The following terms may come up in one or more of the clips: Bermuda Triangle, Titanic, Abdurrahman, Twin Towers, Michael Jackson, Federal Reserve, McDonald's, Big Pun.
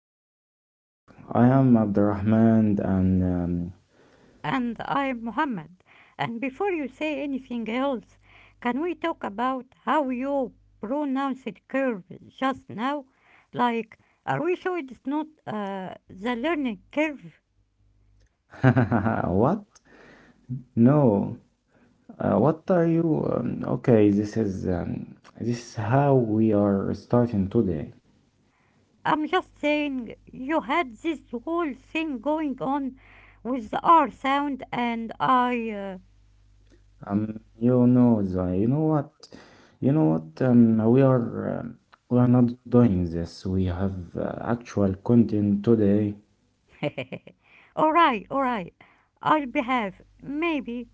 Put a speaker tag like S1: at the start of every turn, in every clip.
S1: learning curve. I am Abdurrahman and
S2: And I'm Muhammad. And before you say anything else, can we talk about how you pronounced curve just now? Like, are we sure it's not the learning curve?
S1: what? No, what are you? Okay, this is how we are starting today.
S2: I'm just saying you had this whole thing going on with the R sound, and I.
S1: Um, you know the, you know what, you know what? We are we are not doing this. We have actual content today.
S2: Uh, alright, alright. I'll behave. Maybe.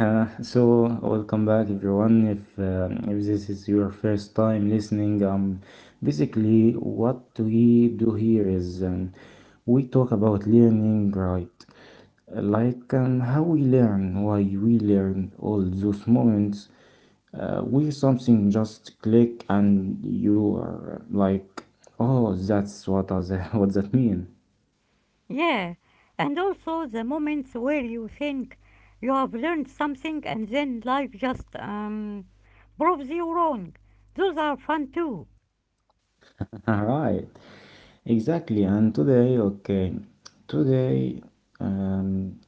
S1: So welcome back everyone if this is your first time listening basically what we do here is we talk about learning, right? Like how we learn, why we learn, all those moments where something just click and you are like, oh, that's what does what that mean.
S2: Yeah, and also the moments where you think you have learned something and then life just proves you wrong. Those are fun too.
S1: All right. Exactly, and today, okay, today, um,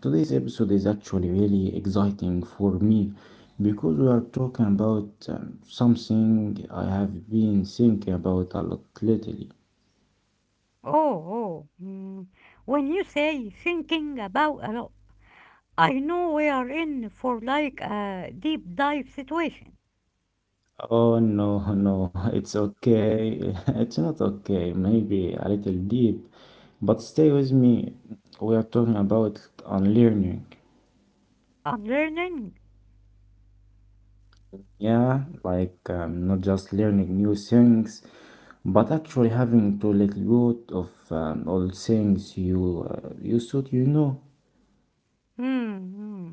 S1: today's episode is actually really exciting for me because we are talking about something I have been thinking about a lot lately.
S2: Oh, oh. Mm. When you say thinking about a lot, I know we are in for like a deep dive situation.
S1: Oh no, no, it's okay. It's not okay. Maybe a little deep, but stay with me. We are talking about unlearning.
S2: I'm learning.
S1: Yeah, like not just learning new things, but actually having to let go of old things you you thought you know.
S2: Hmm. Hmm.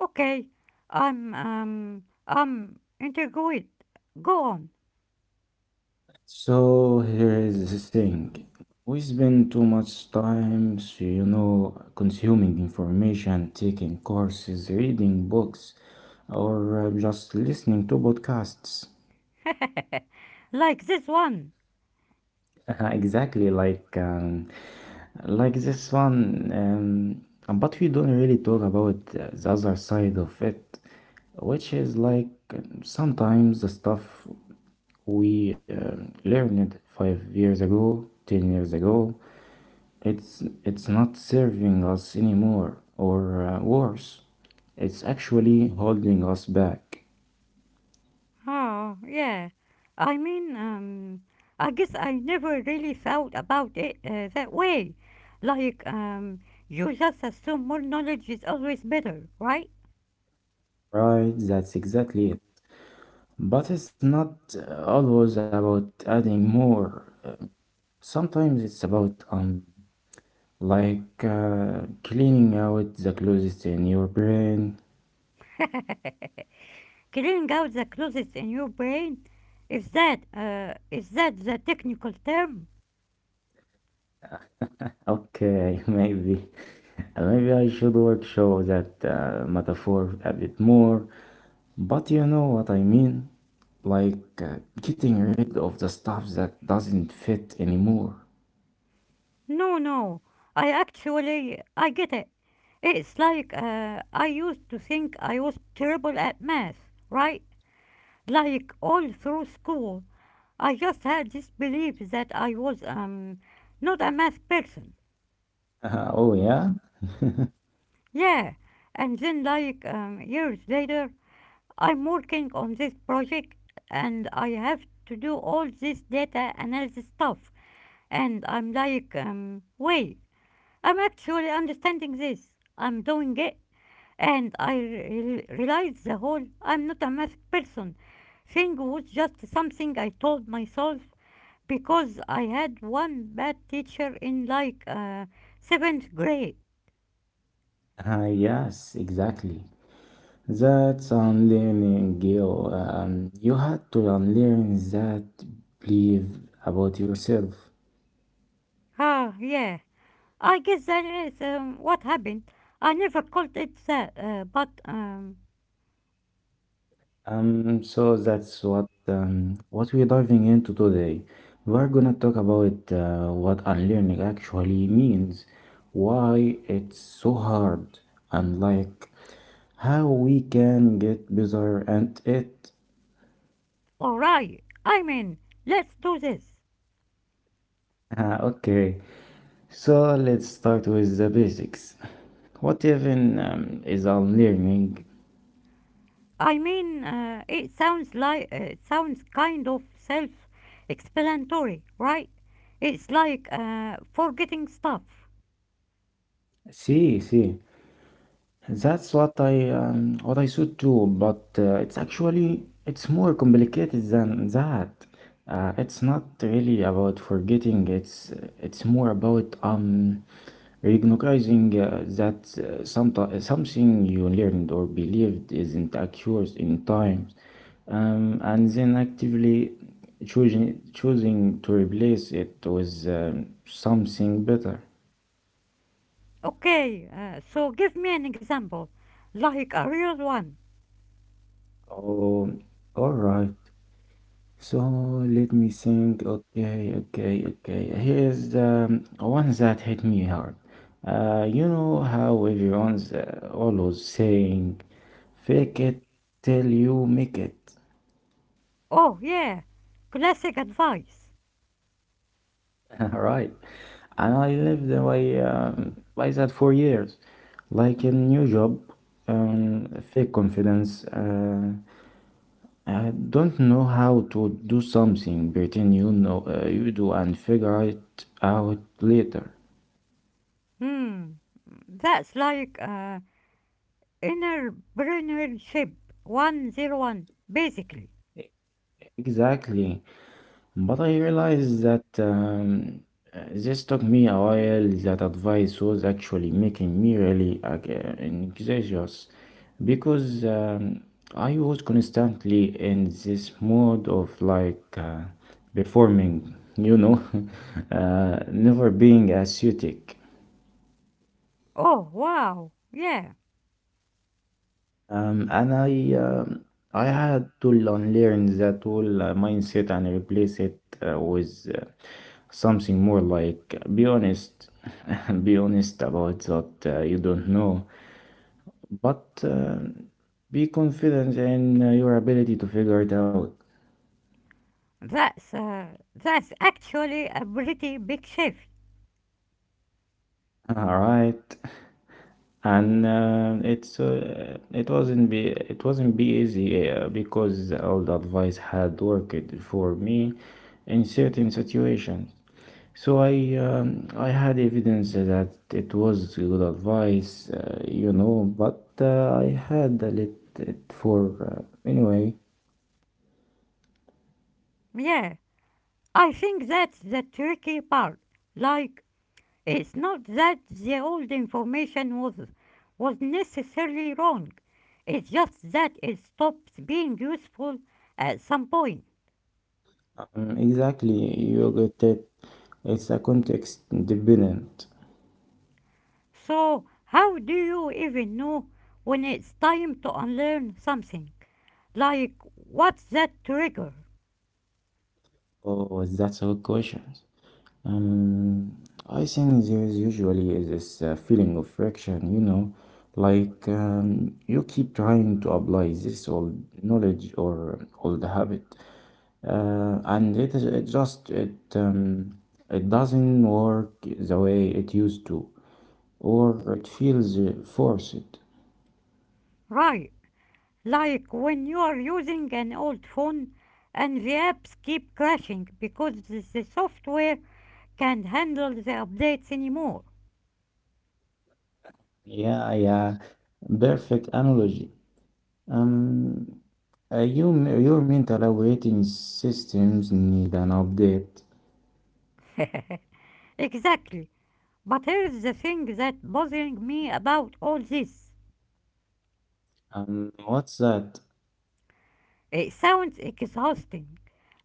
S2: Okay. I'm integrated. Go on.
S1: So here is the thing. We spend too much time, so you know, consuming information, taking courses, reading books, or just listening to podcasts.
S2: Like this one.
S1: Exactly, like like this one, but we don't really talk about the other side of it, which is like sometimes the stuff we learned 5 years ago, 10 years ago, it's not serving us anymore, or worse, it's actually holding us back.
S2: Oh, yeah. I mean, I guess I never really thought about it that way. Like, you just assume more knowledge is always better, right?
S1: Right, that's exactly it. But it's not always about adding more. Sometimes it's about like cleaning out the closest in your brain.
S2: Clearing out the closets in your brain? Is that the technical term?
S1: Okay, maybe. Maybe I should workshop that metaphor a bit more. But you know what I mean? Like getting rid of the stuff that doesn't fit anymore.
S2: No, no. I actually, I get it. It's like I used to think I was terrible at math, right? Like all through school. I just had this belief that I was not a math person.
S1: Oh, yeah?
S2: Yeah, and then like years later, I'm working on this project and I have to do all this data analysis stuff. And I'm like, wait, I'm actually understanding this. I'm doing it. And I realized the whole I'm not a math person thing was just something I told myself because I had one bad teacher in like seventh grade.
S1: Ah, yes, exactly. That's unlearning, Gil. You had to unlearn that belief about yourself.
S2: Ah, yeah. I guess that is what happened. I never called it that, but
S1: So that's what we're diving into today. We are gonna talk about what unlearning actually means, why it's so hard, and like how we can get better at it.
S2: alright. I mean, let's do this.
S1: Ah, okay, so let's start with the basics. What even is unlearning?
S2: I mean, it sounds like it sounds kind of self-explanatory, right? It's like forgetting stuff.
S1: See, see. That's what I saw too, but it's actually it's more complicated than that. It's not really about forgetting. It's more about recognizing that some something you learned or believed isn't accurate in times, and then actively choosing to replace it with something better.
S2: Okay, so give me an example, like a real one.
S1: Oh, all right. So let me think. Okay. Here's one that hit me hard. You know how everyone's always saying, fake it till you make it.
S2: Oh, yeah. Classic advice.
S1: Right. And I lived by that for years. Like a new job, fake confidence. I don't know how to do something, pretend you know you do and figure it out later.
S2: Hmm. That's like entrepreneurship 101, basically.
S1: Exactly. But I realized that this took me a while. That advice was actually making me really anxious because I was constantly in this mode of like performing, you know, never being aesthetic.
S2: Oh, wow. Yeah.
S1: And I had to unlearn that whole mindset and replace it with something more like be honest, be honest about what you don't know, but be confident in your ability to figure it out.
S2: That's actually a pretty big shift.
S1: All right, and it wasn't be easy because all the advice had worked for me in certain situations. So I had evidence that it was good advice, you know, but I had a lit it for anyway.
S2: Yeah. I think that's the tricky part. Like, it's not that the old information was necessarily wrong. It's just that it stops being useful at some point.
S1: Exactly, you get it. It's a context dependent.
S2: So how do you even know when it's time to unlearn something? Like, what's that trigger?
S1: Oh, that's a good question. Um, I think there is usually is this feeling of friction, you know, like you keep trying to apply this old knowledge or old habit. And it is it just it It doesn't work the way it used to, or it feels forced.
S2: Right, like when you are using an old phone and the apps keep crashing because the software can't handle the updates anymore.
S1: Yeah, yeah, perfect analogy. Um, uh, you, your mental operating systems need an update.
S2: Exactly. But here's the thing that's bothering me about all this.
S1: What's that?
S2: It sounds exhausting.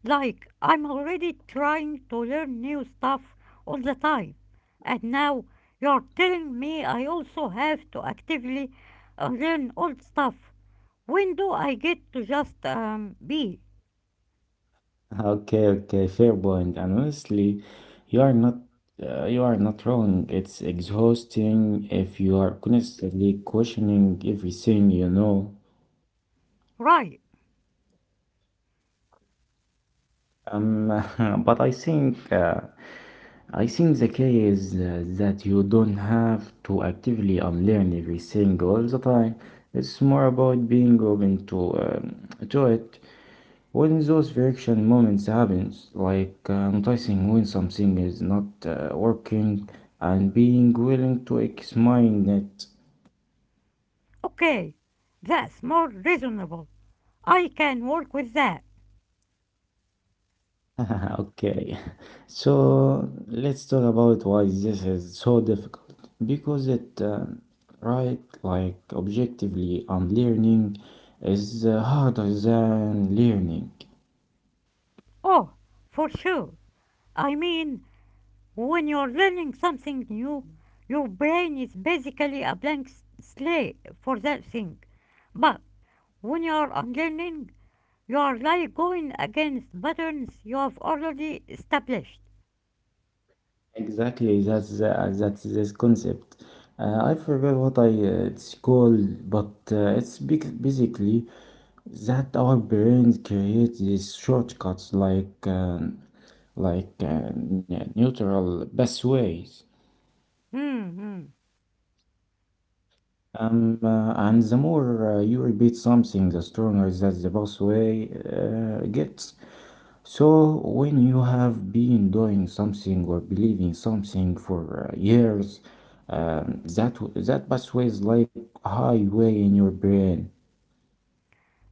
S2: Like I'm already trying to learn new stuff all the time. And now you're telling me I also have to actively learn old stuff. When do I get to just be?
S1: Okay, okay, fair point. And honestly, you are not you are not wrong. It's exhausting if you are constantly questioning everything you know.
S2: Right,
S1: Um, but I think the key is that you don't have to actively unlearn everything all the time. It's more about being open to it when those friction moments happens, like noticing when something is not working and being willing to examine it.
S2: okay. That's more reasonable. I can work with that.
S1: Okay, so let's talk about why this is so difficult. Right, like objectively, unlearning is harder than learning.
S2: Oh, for sure. I mean, when you're learning something new, your brain is basically a blank slate for that thing. But when you're unlearning, you are like going against patterns you have already established.
S1: Exactly, that's this concept. I forgot what I it's called, but it's big, basically that our brains create these shortcuts like like uh, neural pathways.
S2: Hmm.
S1: And the more you repeat something, the stronger that the pathway gets. So, when you have been doing something or believing something for years, that pathway is like a highway in your brain.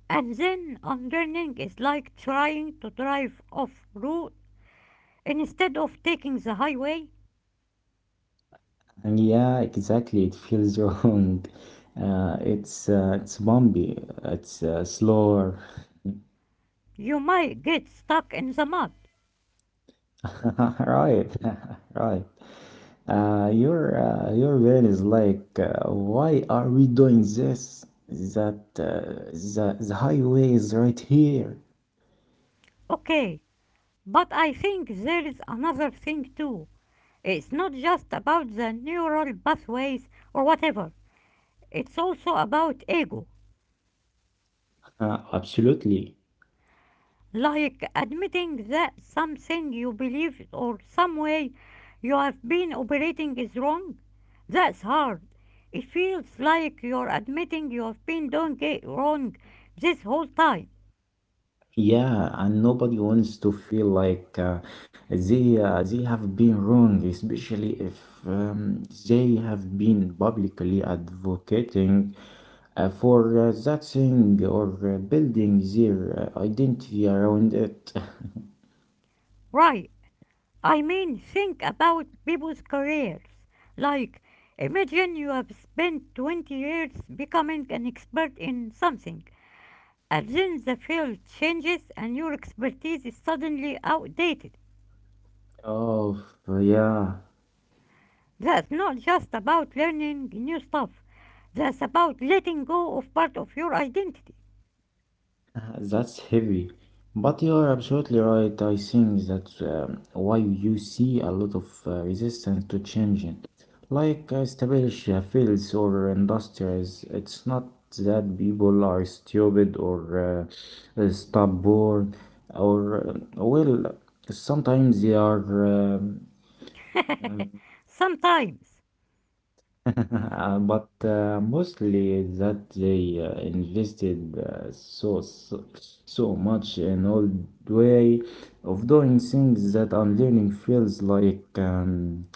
S2: And then unlearning is like trying to drive off route. Instead of taking the highway,
S1: And yeah, exactly, it feels wrong. It's bumpy. It's slower.
S2: you might get stuck in the mud.
S1: Right, right. Your van is like, why are we doing this? That The highway is right here.
S2: Okay, but I think there is another thing too. It's not just about the neural pathways or whatever, it's also about ego.
S1: Absolutely.
S2: Like admitting that something you believe or some way you have been operating is wrong. That's hard. It feels like you're admitting you have been doing it wrong this whole time.
S1: Yeah, and nobody wants to feel like they have been wrong, especially if they have been publicly advocating for that thing or building their identity around it.
S2: Right. I mean, think about people's careers. Like, imagine you have spent 20 years becoming an expert in something. And then the field changes and your expertise is suddenly outdated.
S1: Oh, yeah.
S2: That's not just about learning new stuff, that's about letting go of part of your identity.
S1: That's heavy, but you are absolutely right. I think that's why you see a lot of resistance to changing. Like established fields or industries, it's not that people are stupid or stubborn, or well, sometimes they are um,
S2: Sometimes.
S1: But mostly that they invested so so much in old way of doing things that unlearning feels like um,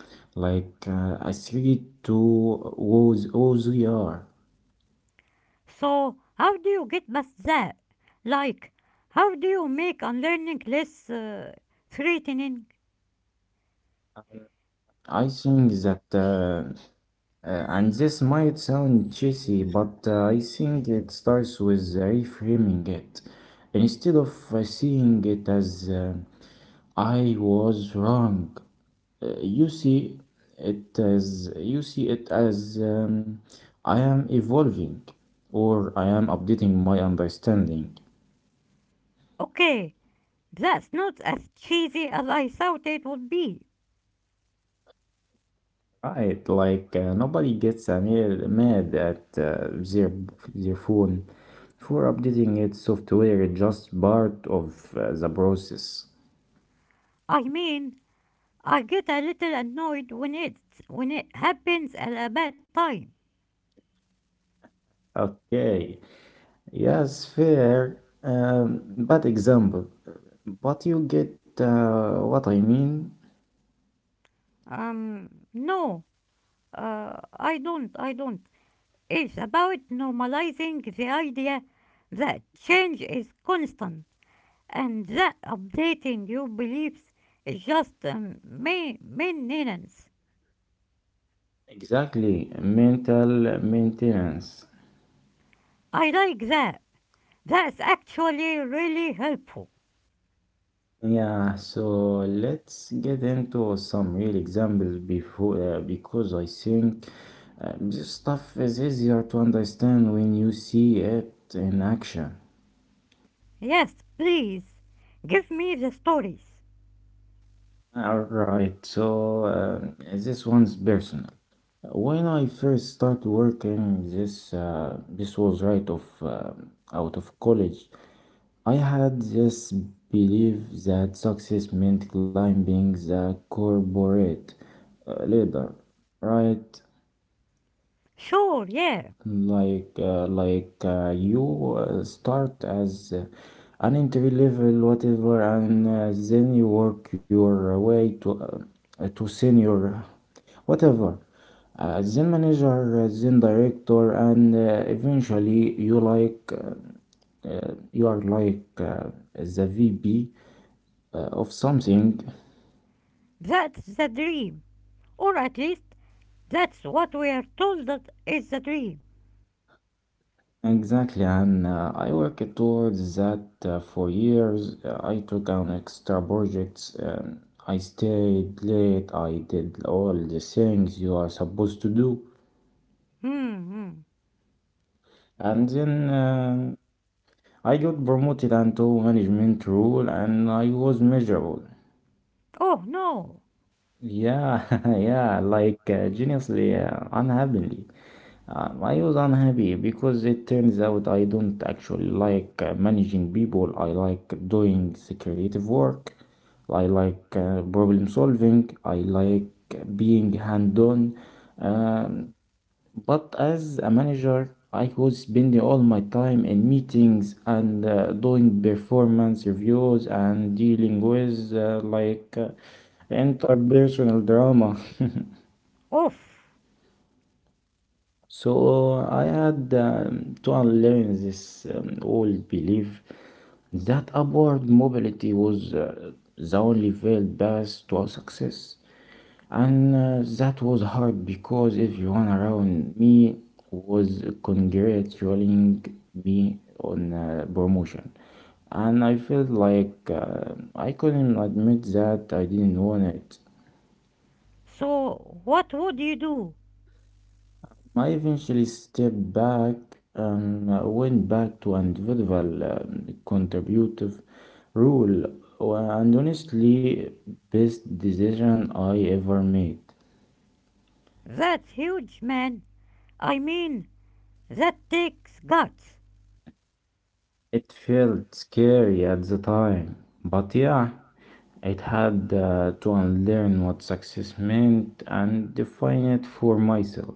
S1: like uh, a threat to who's we are.
S2: So, how do you get past that? Like, how do you make unlearning less threatening?
S1: I think that and this might sound cheesy, but I think it starts with reframing it instead of seeing it as I was wrong. Uh, You see you see it as I am evolving or I am updating my understanding.
S2: Okay, that's not as cheesy as I thought it would be.
S1: Right, like nobody gets mad at their phone for updating its software. It's just part of the process.
S2: I mean, I get a little annoyed when it happens at a bad time.
S1: Okay, yes, fair, bad example, but you get what I mean.
S2: No, uh, I don't. I don't. It's about normalizing the idea that change is constant and that updating your beliefs is just maintenance.
S1: Exactly, mental maintenance.
S2: I like that. That's actually really helpful.
S1: Yeah, so let's get into some real examples before, because I think this stuff is easier to understand when you see it in action.
S2: Yes, please. Give me the stories.
S1: All right, so this one's personal. When I first started working, this was right of out of college. I had this belief that success meant climbing the corporate ladder, right?
S2: Sure, yeah.
S1: Like, you start as an entry level whatever, and then you work your way to senior whatever. Then manager, then director, and eventually you like you are like the VP of something.
S2: That's the dream. Or at least that's what we are told that is the dream.
S1: Exactly, and I worked towards that for years. I took on extra projects. I stayed late. I did all the things you are supposed to do,
S2: Hmm. Hmm.
S1: and then I got promoted into management role, and I was miserable.
S2: Oh no.
S1: Yeah, yeah, like geniusly unhappily. I was unhappy because it turns out I don't actually like managing people. I like doing the creative work. I like problem solving. I like being hands-on. Um, but as a manager, I was spending all my time in meetings and doing performance reviews and dealing with interpersonal drama.
S2: Oof.
S1: So I had to unlearn this old belief that upward mobility was the only failed path to success. And that was hard because everyone around me was congratulating me on promotion. And I felt like I couldn't admit that I didn't want it.
S2: So what would you do?
S1: I eventually stepped back and went back to individual contributive rule, and honestly, best decision I ever made.
S2: That's huge, man. I mean, that takes guts.
S1: It felt scary at the time, but yeah, it had to unlearn what success meant and define it for myself.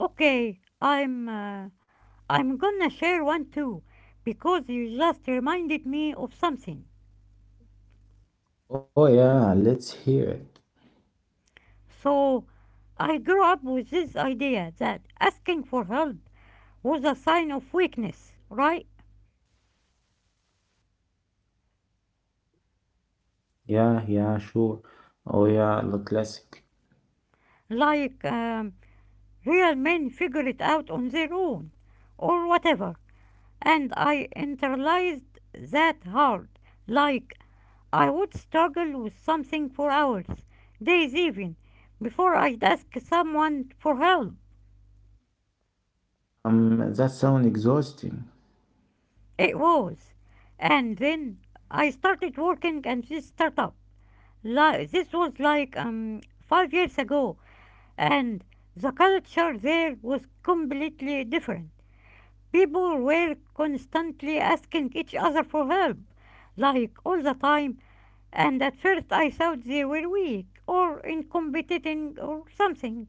S2: Okay, I'm. I'm gonna share one too, because you just reminded me of something.
S1: Oh yeah, let's hear it.
S2: So, I grew up with this idea that asking for help was a sign of weakness, right?
S1: Yeah, yeah, sure. Oh yeah, the classic.
S2: Like, real men figure it out on their own, or whatever, and I internalized that hard. Like, I would struggle with something for hours, days even, before I'd ask someone for help.
S1: That sound exhausting.
S2: It was. And then I started working at this startup. This was like 5 years ago, and the culture there was completely different. People were constantly asking each other for help, like all the time, and at first I thought they were weak or incompetent or something.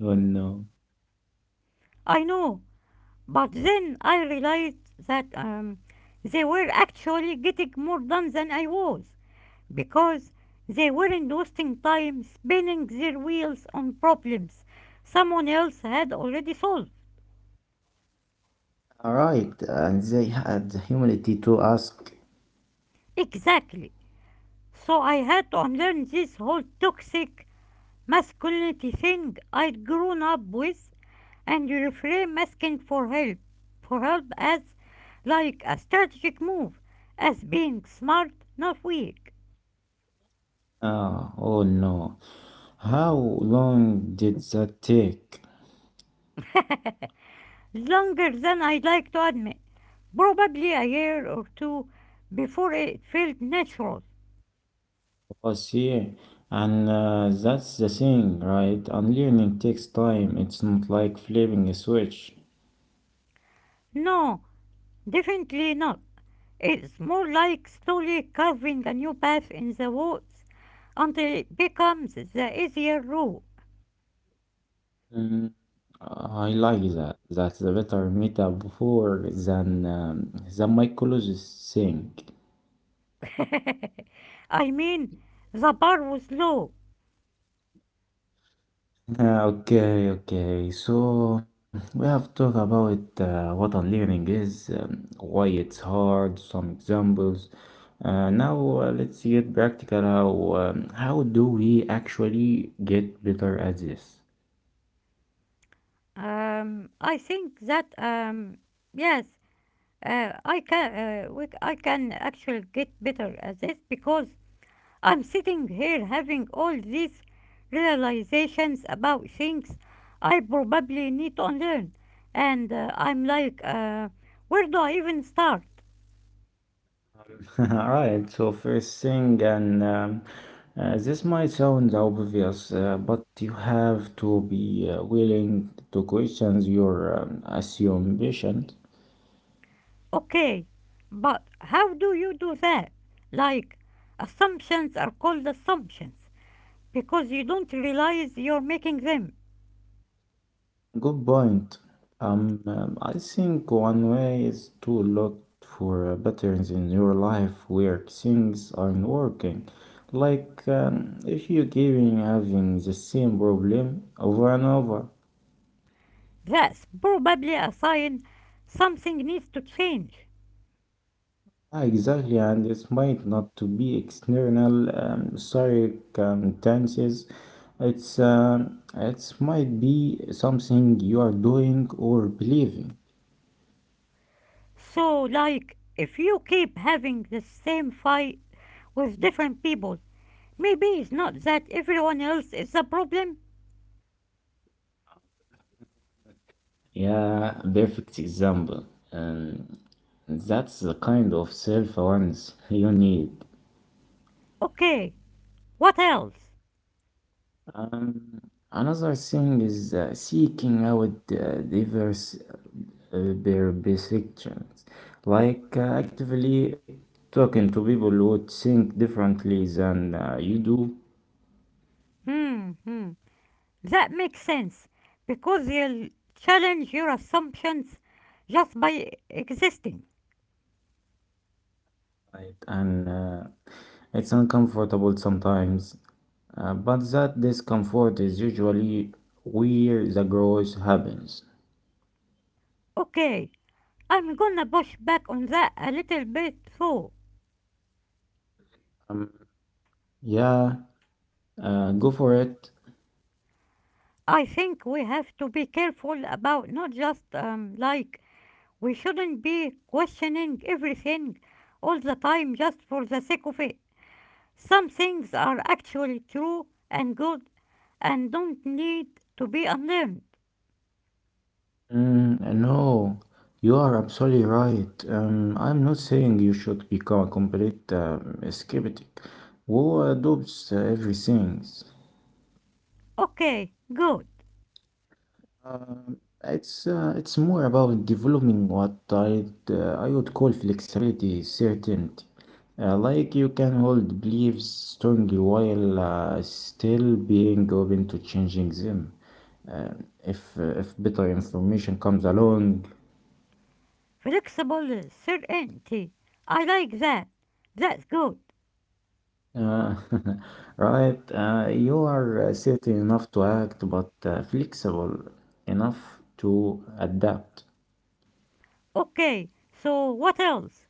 S1: Oh no.
S2: I know, but then I realized that they were actually getting more done than I was because they weren't wasting time spinning their wheels on problems someone else had already solved.
S1: All right, and they had the humility to ask.
S2: Exactly. So I had to unlearn this whole toxic masculinity thing I'd grown up with and reframe asking for help as like a strategic move, as being smart, not weak.
S1: Ah, oh no, how long did that take?
S2: Longer than I'd like to admit. Probably a year or two before it felt natural.
S1: I see. And that's the thing, right? Unlearning takes time. It's not like flipping a switch.
S2: No, definitely not. It's more like slowly carving a new path in the woods until it becomes the easier route.
S1: Mm, I like that. That's a better metaphor than the mycologist thing.
S2: I mean, the bar was low.
S1: Okay, okay. So we have talked about what unlearning is, why it's hard, some examples. Now let's get practical. How do we actually get better at this?
S2: I think that yes, uh, I can I can actually get better at this because I'm sitting here having all these realizations about things I probably need to learn, and I'm like, where do I even start?
S1: All right, so first thing, and this might sound obvious, but you have to be willing to question your assumption.
S2: Okay, but how do you do that? Like, assumptions are called assumptions, because you don't realize you're making them.
S1: Good point. I think one way is to look for patterns in your life where things aren't working. Like if you're giving having the same problem over and over.
S2: That's probably a sign something needs to change.
S1: Yeah, exactly, and it might not to be external circumstances. It might be something you are doing or believing.
S2: So, like, if you keep having the same fight with different people, maybe it's not that everyone else is the problem.
S1: Yeah, perfect example. Um, that's the kind of self-awareness you need.
S2: Okay, what else?
S1: Um, another thing is seeking out diverse perspectives, like actively talking to people who think differently than you do,
S2: Hmm, hmm. That makes sense because you'll challenge your assumptions just by existing.
S1: right? And it's uncomfortable sometimes, but that discomfort is usually where the growth happens.
S2: Okay, I'm gonna push back on that a little bit though.
S1: Um, yeah, go for it.
S2: I think we have to be careful about not just we shouldn't be questioning everything all the time just for the sake of it. Some things are actually true and good and don't need to be unlearned.
S1: Mm, no, you are absolutely right. I'm not saying you should become a complete skeptic who adopts everything.
S2: Okay, good.
S1: It's more about developing what I would call flexibility, certainty. Like you can hold beliefs strongly while still being open to changing them. If better information comes along.
S2: Flexible certainty. I like that. That's good.
S1: Uh, right, you are certain enough to act, but flexible enough to adapt.
S2: Okay, so what else?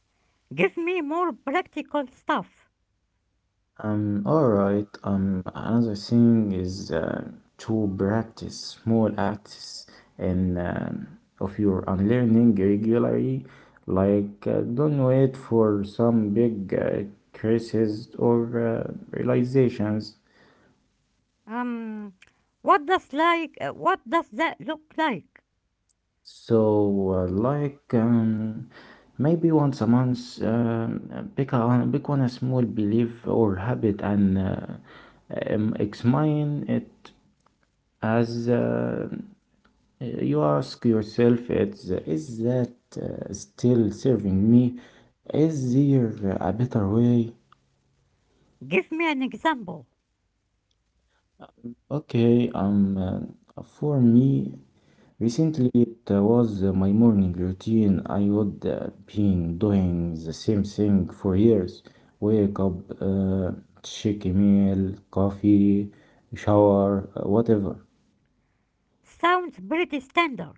S2: Give me more practical stuff.
S1: All right. Another thing is to practice small acts and of your unlearning regularly. Like, don't wait for some big crisis or realizations.
S2: Um, what does what does that look like?
S1: So, like, maybe once a month, pick a pick one a small belief or habit and examine it as you ask yourself, is that still serving me? Is there a better way?
S2: Give me an example.
S1: Okay, for me, recently, it was my morning routine. I would been doing the same thing for years. Wake up, check email, coffee, shower, whatever.
S2: Sounds pretty standard.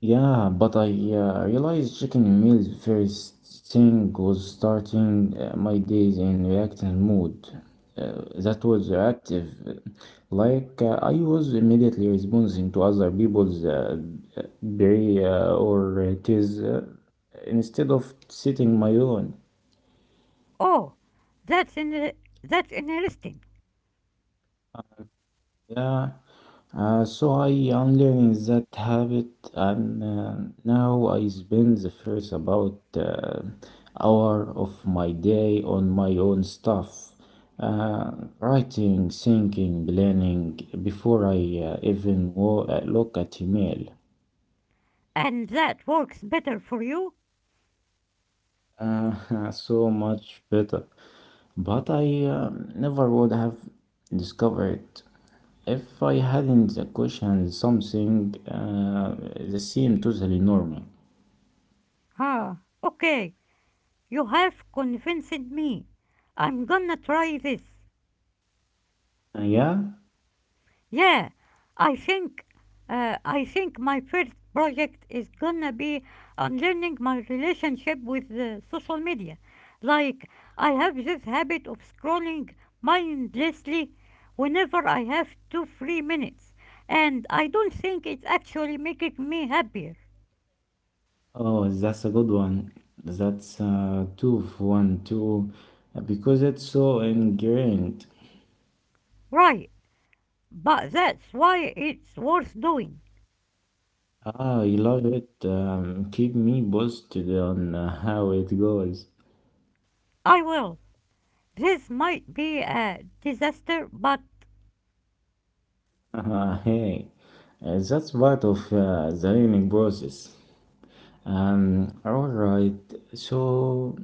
S1: Yeah, but I realized checking meals first thing was starting my days in reactive mode. That was reactive. Like I was immediately responding to other people's berry or it is instead of sitting my own.
S2: Oh, that's in that's interesting.
S1: Yeah. So I am learning that habit, and now I spend the first about hour of my day on my own stuff, uh, writing, thinking, planning before I even look at email.
S2: And that works better for you?
S1: So much better. But I never would have discovered if I hadn't the question something that seemed totally normal.
S2: Huh. Okay, you have convinced me. I'm gonna try this.
S1: Yeah.
S2: Yeah, I think I think my first project is gonna be unlearning my relationship with social media. Like I have this habit of scrolling mindlessly whenever I have 2 free minutes, and I don't think it's actually making me happier.
S1: Oh, that's a good one. That's two for one, two, because it's so ingrained.
S2: Right, but that's why it's worth doing.
S1: Ah, I love it. Keep me posted on how it goes.
S2: I will. This might be a disaster, but
S1: Hey, that's part of the learning process. All right. So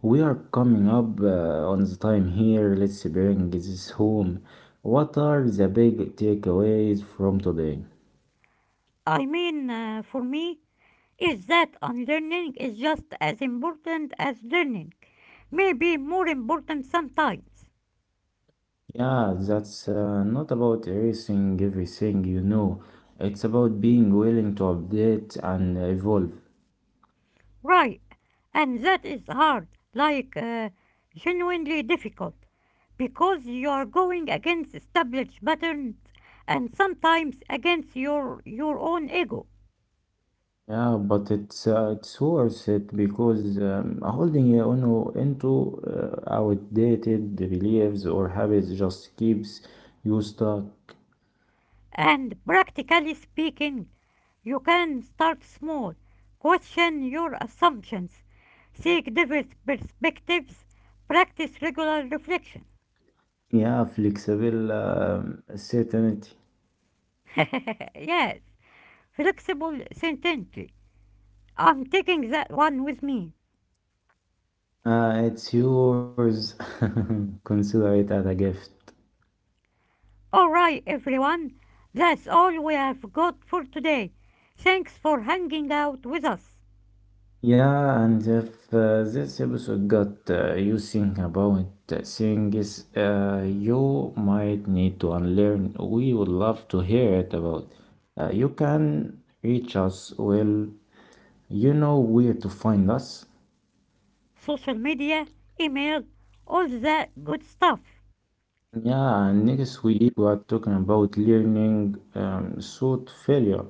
S1: we are coming up on the time here. Let's bring this home. What are the big takeaways from today?
S2: I mean, for me, is that unlearning is just as important as learning, maybe more important sometimes.
S1: Yeah, that's not about erasing everything you know. It's about being willing to update and evolve.
S2: Right, and that is hard, like genuinely difficult, because you are going against established patterns and sometimes against your own ego.
S1: Yeah, but it's worth it because holding on into outdated beliefs or habits just keeps you stuck.
S2: And practically speaking, you can start small, question your assumptions, seek diverse perspectives, practice regular reflection.
S1: Yeah, flexible certainty.
S2: Yes, flexible sententry. I'm taking that one with me.
S1: It's yours. Consider it as a gift.
S2: Alright, everyone, that's all we have got for today. Thanks for hanging out with us.
S1: Yeah, and if this episode got you thinking about things you might need to unlearn, we would love to hear it about. You can reach us. Well, you know where to find us.
S2: Social media, email, all that good stuff.
S1: Yeah, and next week we are talking about learning thought failure,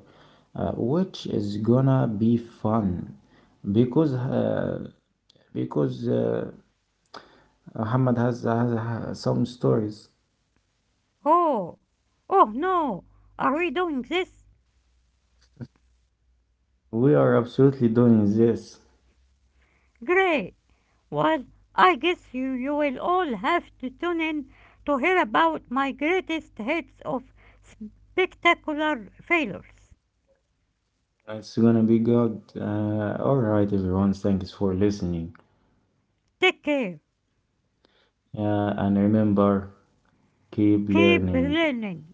S1: which is gonna be fun because uh, because Ahmad has some stories.
S2: Oh, oh no, are we doing this?
S1: We are absolutely doing this.
S2: Great. Well, I guess you will all have to tune in to hear about my greatest hits of spectacular failures.
S1: It's gonna be good. All right, everyone, thanks for listening.
S2: Take care.
S1: And remember, keep
S2: Keep
S1: learning.
S2: learning.